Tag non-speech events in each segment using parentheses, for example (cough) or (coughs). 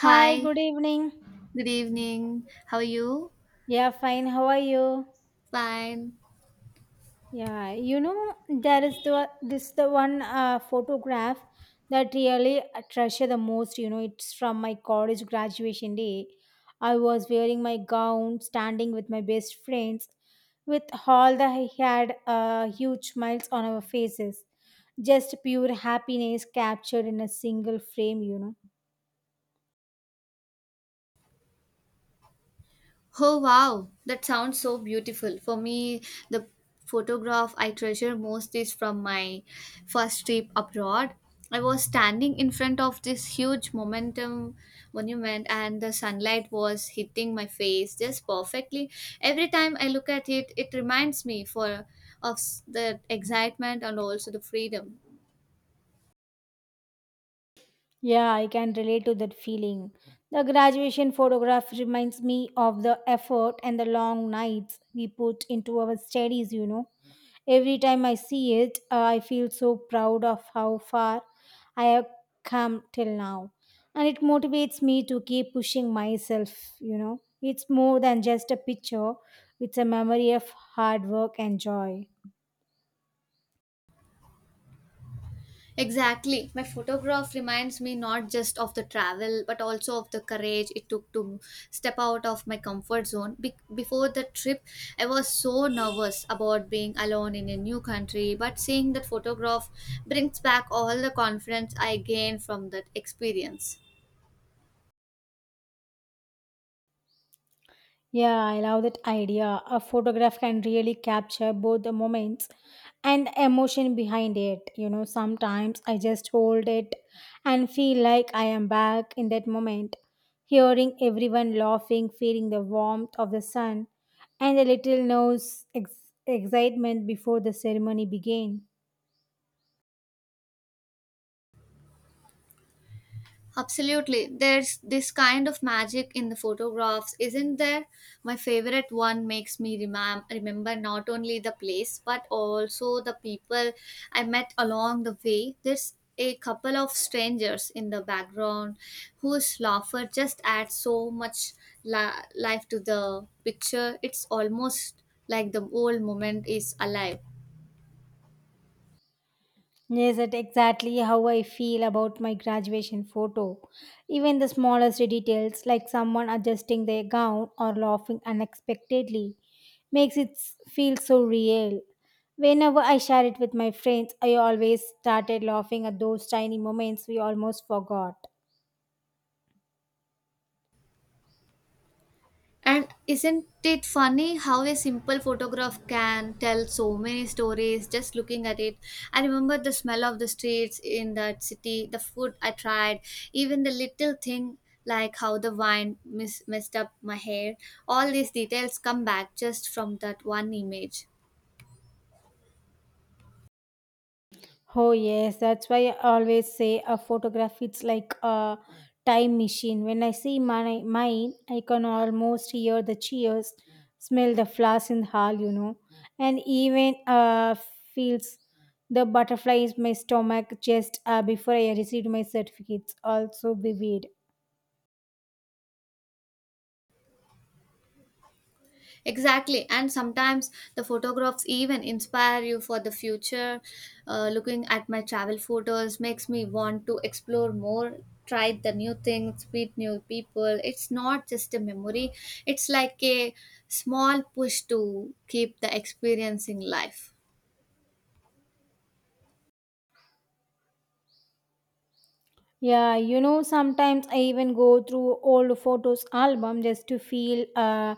Hi, Hi, good evening. good evening. How are you? Yeah, fine. How are you? Fine. There is the one photograph that really I treasure the most. You know, it's from my college graduation day. I was wearing my gown, standing with my best friends, with all the I had huge smiles on our faces, just pure happiness captured in a single frame. Oh wow, that sounds so beautiful. For me, the photograph I treasure most is from my first trip abroad. I was standing in front of this huge momentum monument and the sunlight was hitting my face just perfectly. Every time I look at it, it reminds me for of s- the excitement and also the freedom. Yeah, I can relate to that feeling. The graduation photograph reminds me of the effort and the long nights we put into our studies. Every time I see it, I feel so proud of how far I have come till now. And it motivates me to keep pushing myself. It's more than just a picture, it's a memory of hard work and joy. Exactly. My photograph reminds me not just of the travel, but also of the courage it took to step out of my comfort zone. Before the trip, I was so nervous about being alone in a new country, but seeing that photograph brings back all the confidence I gained from that experience. Yeah, I love that idea. A photograph can really capture both the moments and emotion behind it. Sometimes I just hold it and feel like I am back in that moment, hearing everyone laughing, feeling the warmth of the sun, and the little excitement before the ceremony began. Absolutely. There's this kind of magic in the photographs, isn't there? My favorite one makes me remember not only the place but also the people I met along the way. There's a couple of strangers in the background whose laughter just adds so much life to the picture. It's almost like the whole moment is alive. Yes, that's exactly how I feel about my graduation photo. Even the smallest details, like someone adjusting their gown or laughing unexpectedly, makes it feel so real. Whenever I share it with my friends, I always started laughing at those tiny moments we almost forgot. And isn't it funny how a simple photograph can tell so many stories just looking at it? I remember the smell of the streets in that city, the food I tried, even the little thing like how the wine messed up my hair. All these details come back just from that one image. Oh yes, that's why I always say a photograph it's like a time machine. When I see my mine, I can almost hear the cheers, smell the flowers in the hall, and even feels the butterflies in my stomach just before I received my certificates. Also vivid. Exactly, and sometimes the photographs even inspire you for the future. Looking at my travel photos makes me want to explore more, try the new things, meet new people. It's not just a memory, it's like a small push to keep the experience in life. Sometimes I even go through old photos album just to feel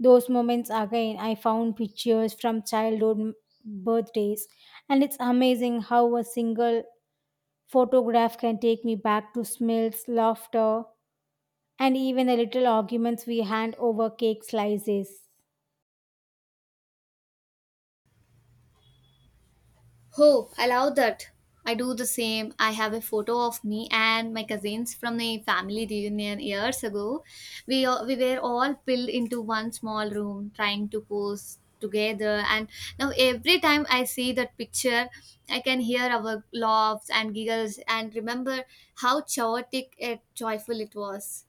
those moments again. I found pictures from childhood birthdays, and it's amazing how a single photograph can take me back to smells, laughter, and even the little arguments we had over cake slices. Oh, I love that. I do the same. I have a photo of me and my cousins from the family reunion years ago. We were all pilled into one small room trying to pose together, and now every time I see that picture I can hear our laughs and giggles and remember how chaotic and joyful it was.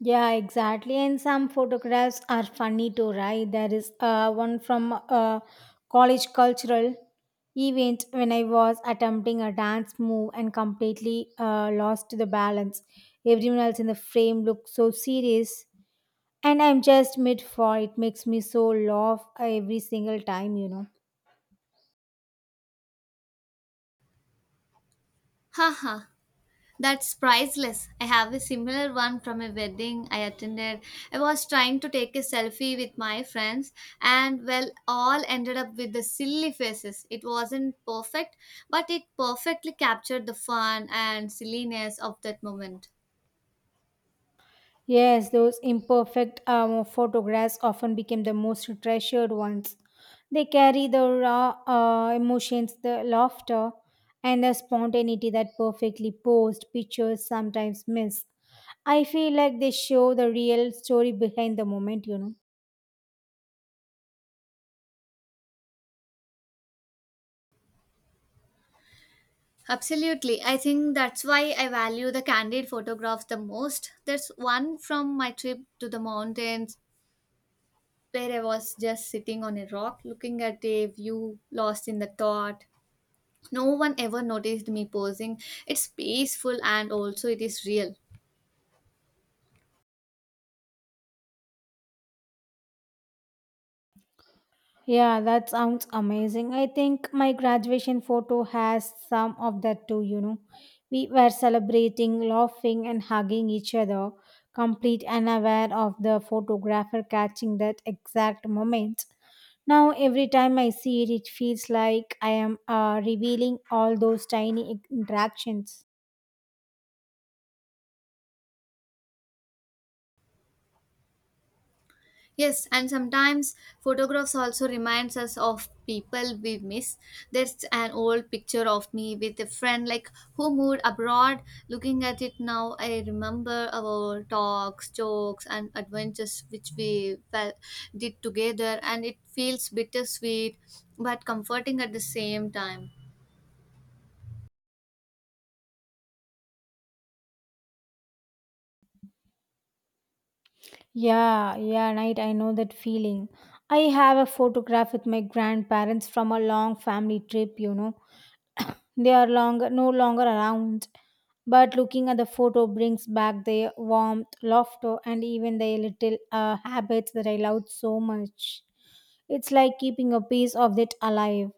Yeah, exactly. And some photographs are funny too, right? There is one from a college cultural event when I was attempting a dance move and completely lost the balance. Everyone else in the frame looked so serious, and I'm just mid for it. Makes me so laugh every single time. Haha. That's priceless. I have a similar one from a wedding I attended. I was trying to take a selfie with my friends, and well, all ended up with the silly faces. It wasn't perfect, but it perfectly captured the fun and silliness of that moment. Yes, those imperfect photographs often became the most treasured ones. They carry the raw emotions, the laughter, and the spontaneity that perfectly posed pictures sometimes miss. I feel like they show the real story behind the moment. Absolutely. I think that's why I value the candid photographs the most. There's one from my trip to the mountains where I was just sitting on a rock looking at a view lost in the thought. No one ever noticed me posing. It's peaceful and also it is real. Yeah, that sounds amazing. I think my graduation photo has some of that too. We were celebrating, laughing, and hugging each other, complete unaware of the photographer catching that exact moment. Now, every time I see it, it feels like I am revealing all those tiny interactions. Yes, and sometimes photographs also reminds us of people we miss. There's an old picture of me with a friend like who moved abroad. Looking at it now, I remember our talks, jokes and adventures which we, well, did together and it feels bittersweet but comforting at the same time. Yeah, yeah, right. I know that feeling. I have a photograph with my grandparents from a long family trip. (coughs) They are longer, no longer around, but looking at the photo brings back their warmth, laughter, and even their little habits that I loved so much. It's like keeping a piece of it alive.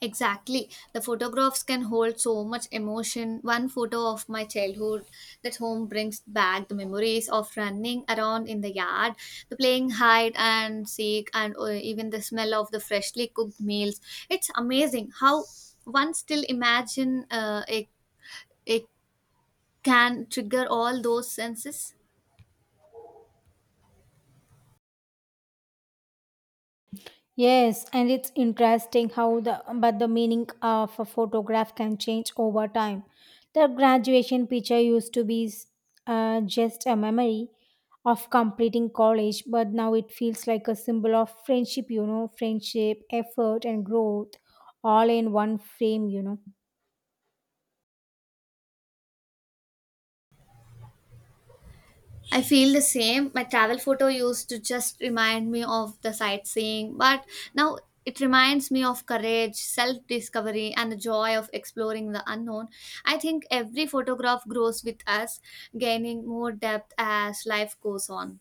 Exactly. The photographs can hold so much emotion. One photo of my childhood that home brings back the memories of running around in the yard, the playing hide and seek, and even the smell of the freshly cooked meals. It's amazing how one still imagine it can trigger all those senses. Yes, and it's interesting how the meaning of a photograph can change over time. The graduation picture used to be just a memory of completing college, but now it feels like a symbol of friendship, you know, friendship, effort, and growth all in one frame. I feel the same. My travel photo used to just remind me of the sightseeing, but now it reminds me of courage, self discovery, and the joy of exploring the unknown. I think every photograph grows with us, gaining more depth as life goes on.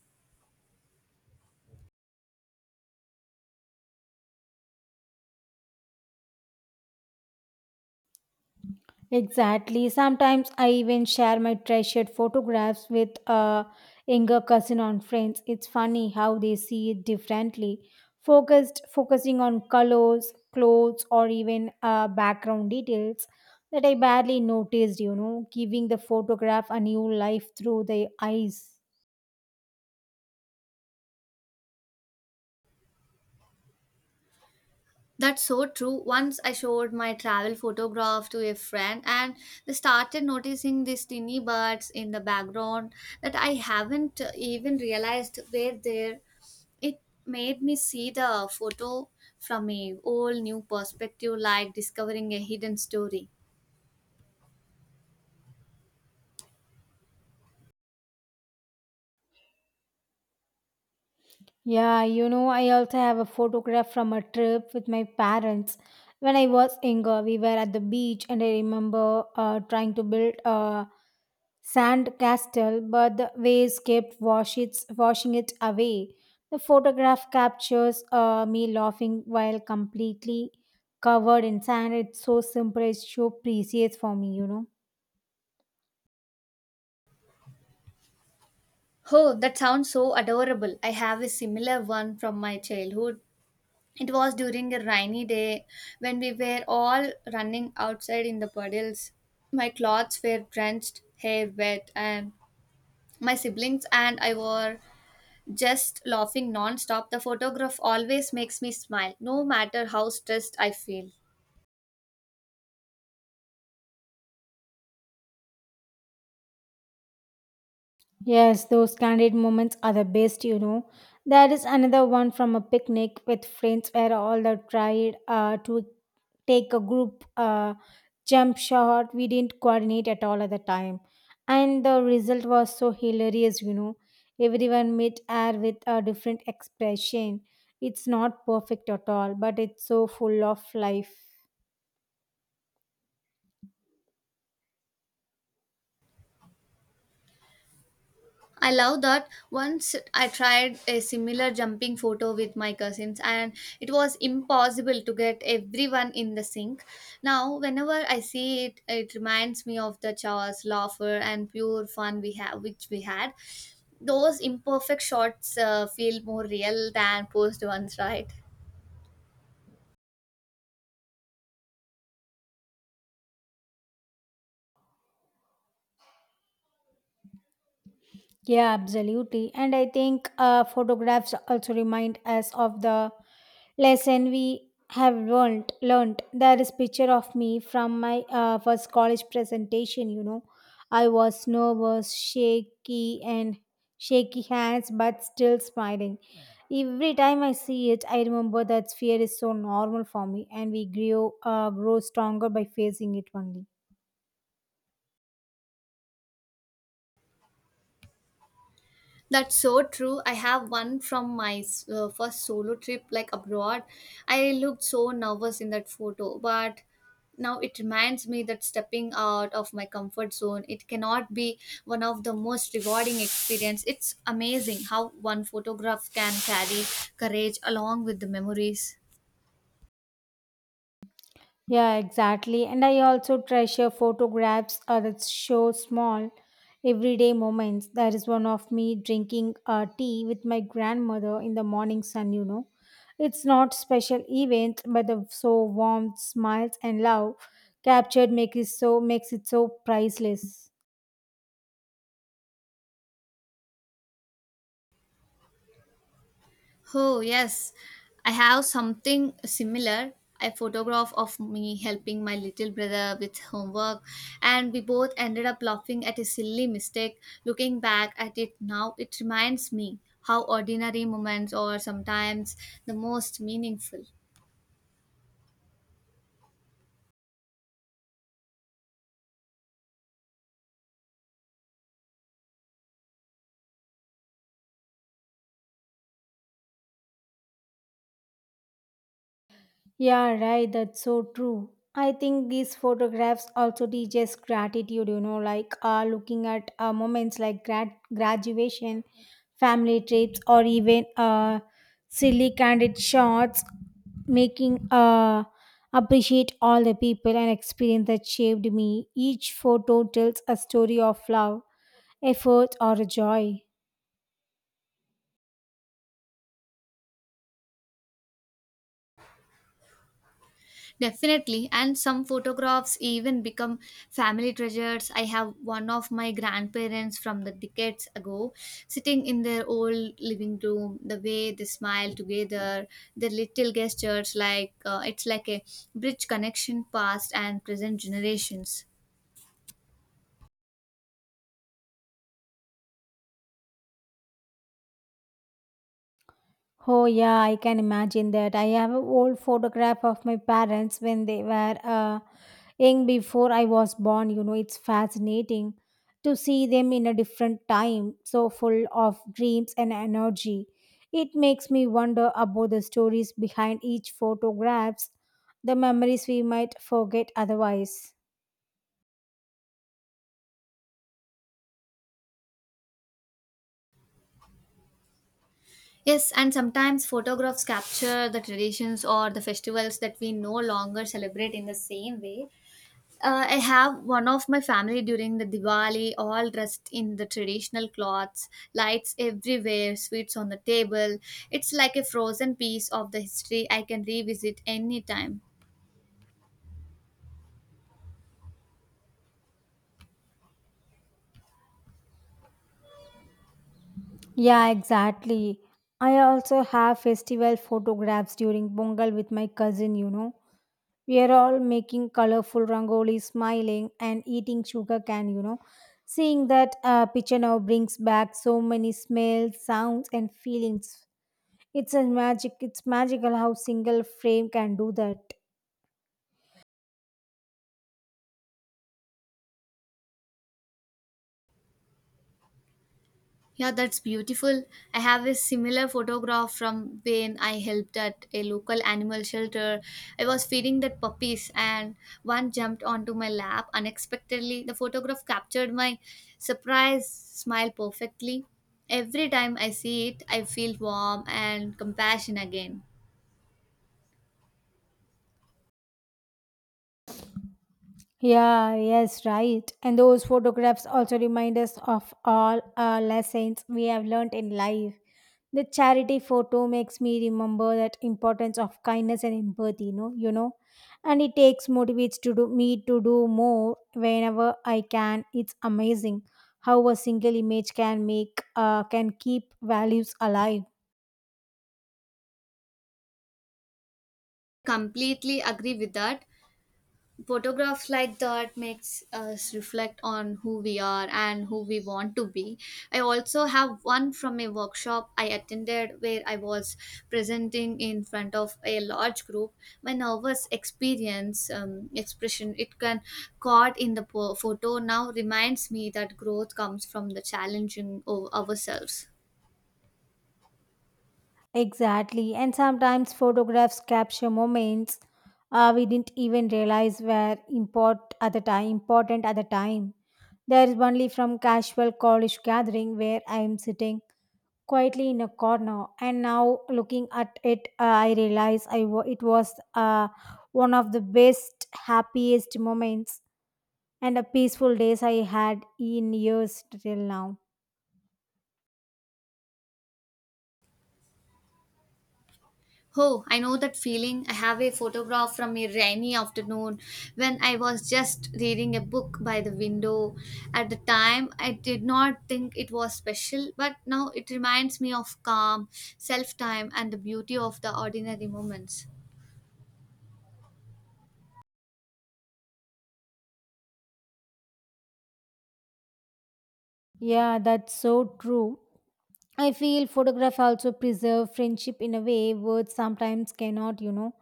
Exactly. Sometimes I even share my treasured photographs with a younger cousin on friends. It's funny how they see it differently. Focusing on colors, clothes, or even background details that I barely noticed, giving the photograph a new life through the eyes. That's so true. Once I showed my travel photograph to a friend, and they started noticing these tiny birds in the background that I haven't even realized were there. It made me see the photo from a whole new perspective, like discovering a hidden story. I also have a photograph from a trip with my parents. When I was younger, we were at the beach, and I remember trying to build a sand castle, but the waves kept washing it away. The photograph captures me laughing while completely covered in sand. It's so simple, it's so precious for me. Oh, that sounds so adorable. I have a similar one from my childhood. It was during a rainy day when we were all running outside in the puddles. My clothes were drenched, hair wet, and my siblings and I were just laughing non-stop. The photograph always makes me smile no matter how stressed I feel. Yes, those candid moments are the best. There is another one from a picnic with friends where all the tried to take a group jump shot. We didn't coordinate at all at the time. And the result was so hilarious. Everyone made air with a different expression. It's not perfect at all, but it's so full of life. I love that. Once I tried a similar jumping photo with my cousins, and it was impossible to get everyone in the sync. Now, whenever I see it, it reminds me of the chores, laughter, and pure fun we have, which we had. Those imperfect shots feel more real than posed ones, right? Yeah, absolutely. And I think photographs also remind us of the lesson we have learned. Learned there is picture of me from my first college presentation. You know, I was nervous, shaky, and shaky hands, but still smiling. Every time I see it, I remember that fear is so normal for me, and we grew grow stronger by facing it only. That's so true. I have one from my first solo trip, like abroad. I looked so nervous in that photo, but now it reminds me that stepping out of my comfort zone it cannot be one of the most rewarding experience. It's amazing how one photograph can carry courage along with the memories. Yeah, exactly. And I also treasure photographs that show small, everyday moments. There is one of me drinking tea with my grandmother in the morning sun. It's not special event, but the so warm smiles and love captured makes it so priceless. Oh, yes. I have something similar. A photograph of me helping my little brother with homework, and we both ended up laughing at a silly mistake. Looking back at it now, it reminds me how ordinary moments are sometimes the most meaningful. Yeah, right. That's so true. I think these photographs also teach us gratitude, like looking at moments like graduation, family trips, or even silly candid shots, making appreciate all the people and experience that shaped me. Each photo tells a story of love, effort, or joy. Definitely, and some photographs even become family treasures. I have one of my grandparents from the decades ago sitting in their old living room. The way they smile together, their little gestures, like it's like a bridge connection past and present generations. Oh, yeah, I can imagine that. I have an old photograph of my parents when they were. Young before I was born. You know, it's fascinating to see them in a different time, so full of dreams and energy. It makes me wonder about the stories behind each photographs, the memories we might forget otherwise. Yes, and sometimes photographs capture the traditions or the festivals that we no longer celebrate in the same way. I have one of my family during the Diwali, all dressed in the traditional clothes, lights everywhere, sweets on the table. It's like a frozen piece of the history I can revisit anytime. Yeah, exactly. I also have festival photographs during Pongal with my cousin. We are all making colorful rangoli, smiling, and eating sugar can. Seeing that picture now brings back so many smells, sounds, and feelings. It's a magic. It's magical how single frame can do that. Yeah, that's beautiful. I have a similar photograph from when I helped at a local animal shelter. I was feeding the puppies and one jumped onto my lap unexpectedly. The photograph captured my surprise smile perfectly. Every time I see it, I feel warm and compassion again. Yeah, yes, right. And those photographs also remind us of all our lessons we have learned in life. The charity photo makes me remember that importance of kindness and empathy, you know. And it takes motivates to do me to do more whenever I can. It's amazing how a single image can make can keep values alive. Completely agree with that. Photographs like that makes us reflect on who we are and who we want to be. I also have one from a workshop I attended where I was presenting in front of a large group. My nervous experience expression it can caught in the photo now reminds me that growth comes from the challenging of ourselves. Exactly. And sometimes photographs capture moments we didn't even realize were important at the time. There is only from casual college gathering where I am sitting quietly in a corner and now looking at it I realize it was one of the best happiest moments and a peaceful days I had in years till now. Oh, I know that feeling. I have a photograph from a rainy afternoon when I was just reading a book by the window. At the time, I did not think it was special, but now it reminds me of calm, self time, and the beauty of the ordinary moments. Yeah, that's so true. I feel photograph also preserve friendship in a way words sometimes cannot, you know.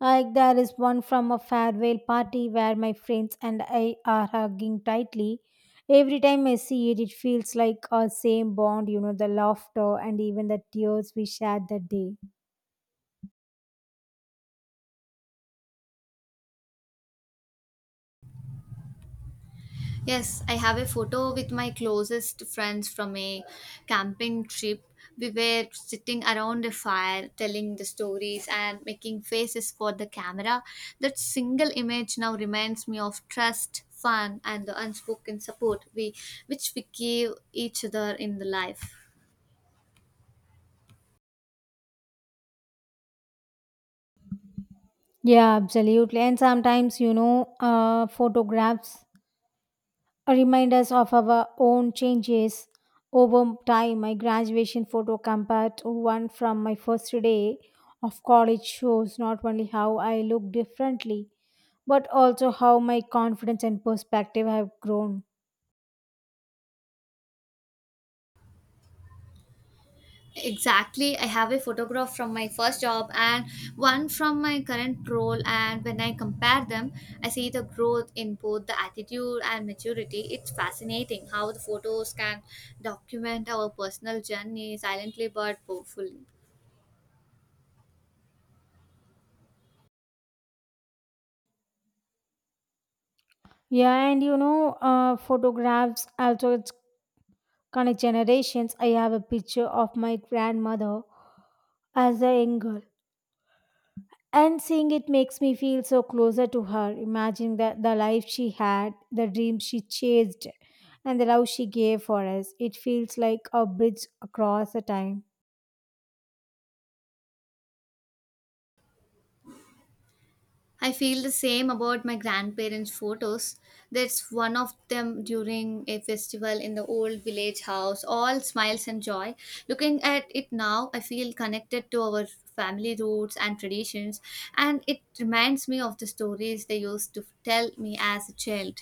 Like there is one from a farewell party where my friends and I are hugging tightly. Every time I see it, it feels like our same bond, you know, the laughter and even the tears we shared that day. Yes, I have a photo with my closest friends from a camping trip. We were sitting around a fire, telling the stories and making faces for the camera. That single image now reminds me of trust, fun, and the unspoken support we which we give each other in the life. Yeah, absolutely. And sometimes photographs remind us of our own changes over time. My graduation photo compared to one from my first day of college shows not only how I look differently, but also how my confidence and perspective have grown. Exactly. I have a photograph from my first job and one from my current role. And when I compare them, I see the growth in both the attitude and maturity. It's fascinating how the photos can document our personal journey silently but powerfully. Photographs also it's connect generations. I have a picture of my grandmother as a young girl. And seeing it makes me feel so closer to her, imagining the life she had, the dreams she chased, and the love she gave for us. It feels like a bridge across the time. I feel the same about my grandparents' photos. There's one of them during a festival in the old village house, all smiles and joy. Looking at it now, I feel connected to our family roots and traditions, and it reminds me of the stories they used to tell me as a child.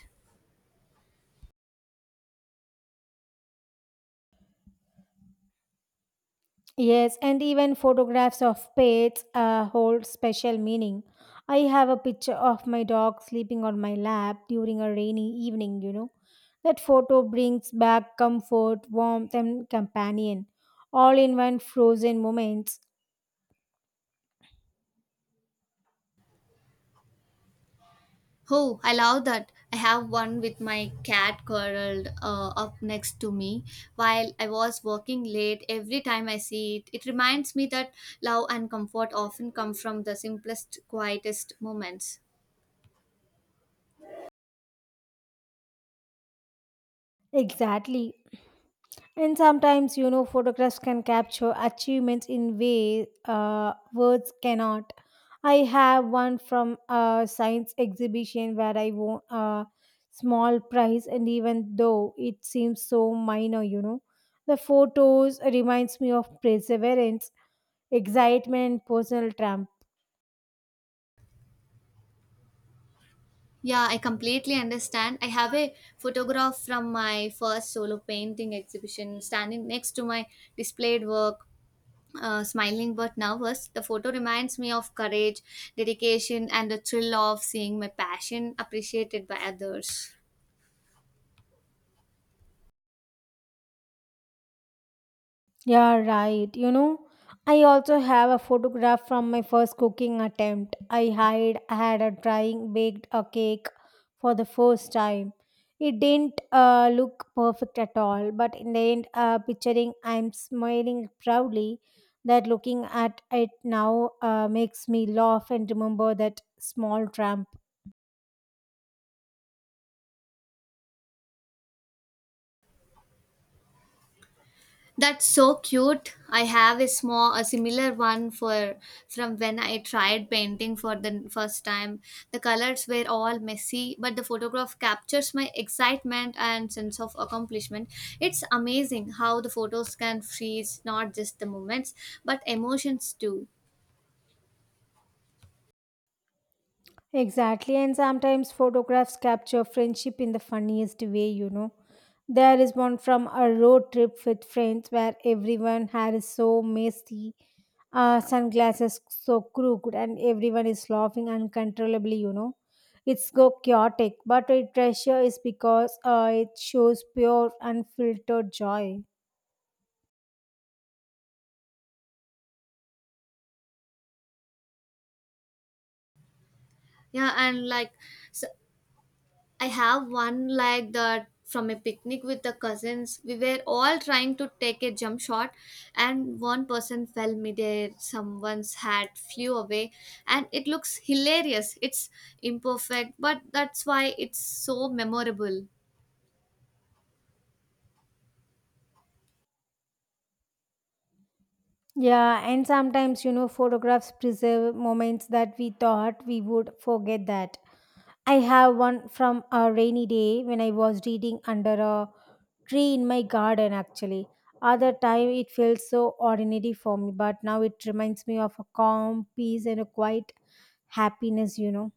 Yes, and even photographs of pets hold special meaning. I have a picture of my dog sleeping on my lap during a rainy evening. That photo brings back comfort, warmth, and companion, all in one frozen moment. Oh, I love that. I have one with my cat curled up next to me while I was working late. Every time I see it, it reminds me that love and comfort often come from the simplest, quietest moments. Exactly. And sometimes photographs can capture achievements in ways words cannot. I have one from a science exhibition where I won a small prize, and even though it seems so minor, the photos reminds me of perseverance, excitement, and personal triumph. Yeah, I completely understand. I have a photograph from my first solo painting exhibition standing next to my displayed work, smiling but nervous. The photo reminds me of courage, dedication, and the thrill of seeing my passion appreciated by others. Yeah, right. You know, I also have a photograph from my first cooking attempt. I had a trying baked a cake for the first time. It didn't look perfect at all, but in the end, picturing I'm smiling proudly that looking at it now makes me laugh and remember that small triumph. That's so cute. I have a small a similar one for from when I tried painting for the first time. The colors were all messy, but the photograph captures my excitement and sense of accomplishment. It's amazing how the photos can freeze not just the moments but emotions too. Exactly, and sometimes photographs capture friendship in the funniest way, you know. There is one from a road trip with friends where everyone hair so messy, sunglasses so crooked, and everyone is laughing uncontrollably. It's so chaotic, but I treasure is because it shows pure, unfiltered joy. Yeah, and like s- I have one like that from a picnic with the cousins. We were all trying to take a jump shot, and one person fell midair. Someone's hat flew away, and it looks hilarious. It's imperfect, but that's why it's so memorable. Yeah, and sometimes photographs preserve moments that we thought we would forget that. I have one from a rainy day when I was reading under a tree in my garden actually. Other time it felt so ordinary for me, but now it reminds me of a calm peace and a quiet happiness.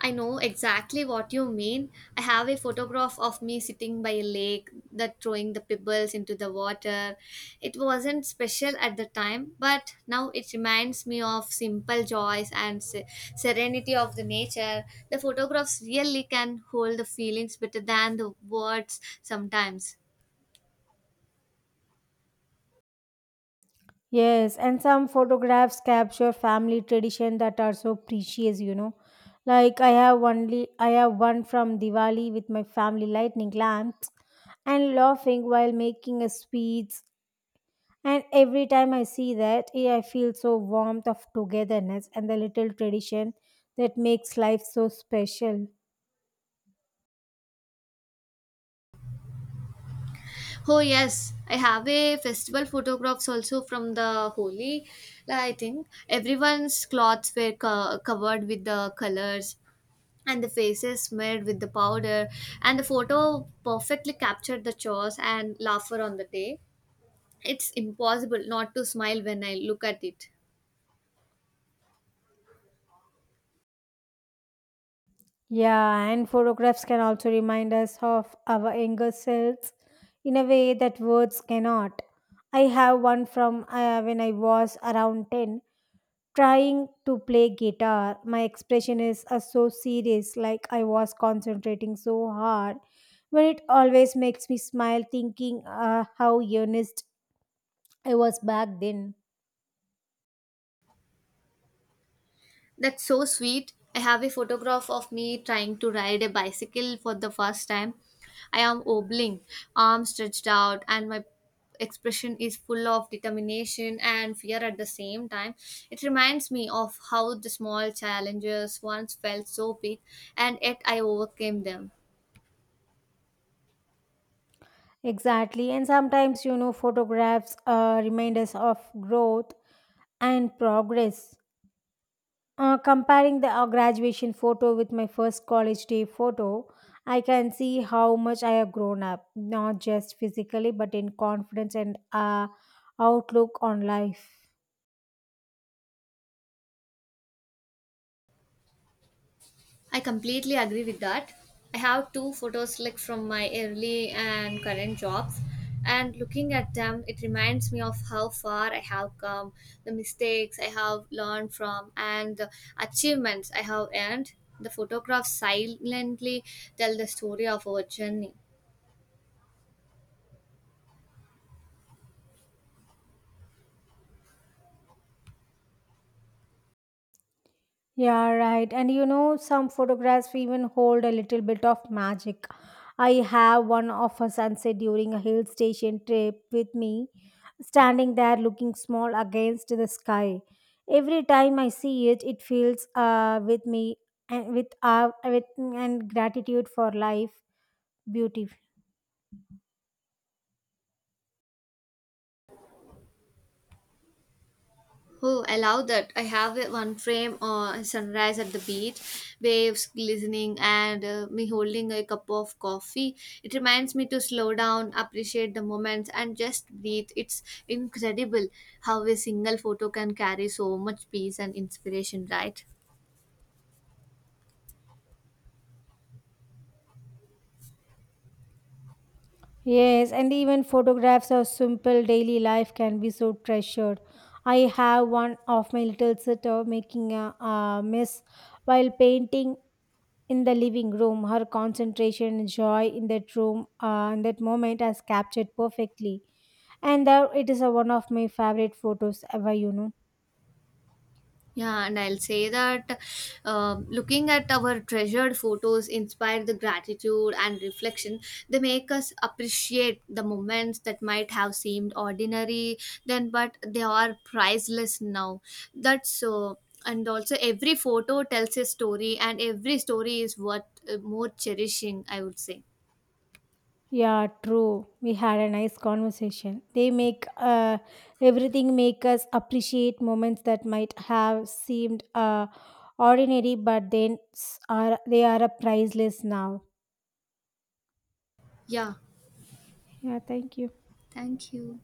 I know exactly what you mean. I have a photograph of me sitting by a lake that throwing the pebbles into the water. It wasn't special at the time, but now it reminds me of simple joys and serenity of the nature. The photographs really can hold the feelings better than the words sometimes. Yes, and some photographs capture family tradition that are so precious. I have one from Diwali with my family lighting lamps and laughing while making a speech. And every time I see that, I feel so warmth of togetherness and the little tradition that makes life so special. Oh yes, I have a festival photographs also from the Holi. I think everyone's clothes were covered with the colors and the faces smeared with the powder, and the photo perfectly captured the chores and laughter on the day. It's impossible not to smile when I look at it. Yeah, and photographs can also remind us of our younger selves in a way that words cannot. I have one from when I was around 10 trying to play guitar. My expression is so serious, like I was concentrating so hard. When it always makes me smile, thinking how earnest I was back then. That's so sweet. I have a photograph of me trying to ride a bicycle for the first time. I am wobbling, arms stretched out, and my expression is full of determination and fear at the same time. It reminds me of how the small challenges once felt so big, and yet I overcame them. Exactly. And sometimes photographs remind us of growth and progress. Comparing the graduation photo with my first college day photo, I can see how much I have grown up, not just physically, but in confidence and outlook on life. I completely agree with that. I have two photos like from my early and current jobs, and looking at them it reminds me of how far I have come, the mistakes I have learned from and the achievements I have earned. The photographs silently tell the story of our journey. Yeah, right. And you know, some photographs even hold a little bit of magic. I have one of a sunset during a hill station trip with me, standing there looking small against the sky. Every time I see it, it feels with me and with and gratitude for life beauty. Oh, I love that. I have a one frame on sunrise at the beach, waves glistening, and me holding a cup of coffee. It reminds me to slow down, appreciate the moments, and just breathe. It's incredible how a single photo can carry so much peace and inspiration, right? Yes, and even photographs of simple daily life can be so treasured. I have one of my little sitter making a mess while painting in the living room. Her concentration and joy in that room, in that moment, has captured perfectly. And it is one of my favorite photos ever, you know. Yeah, and I'll say that looking at our treasured photos inspire the gratitude and reflection. They make us appreciate the moments that might have seemed ordinary then, but they are priceless now. That's so. And also, every photo tells a story, and every story is worth more cherishing, I would say. Yeah, true. We had a nice conversation. They make everything make us appreciate moments that might have seemed ordinary, but are they are a priceless now. Yeah, Yeah, thank you. thank you.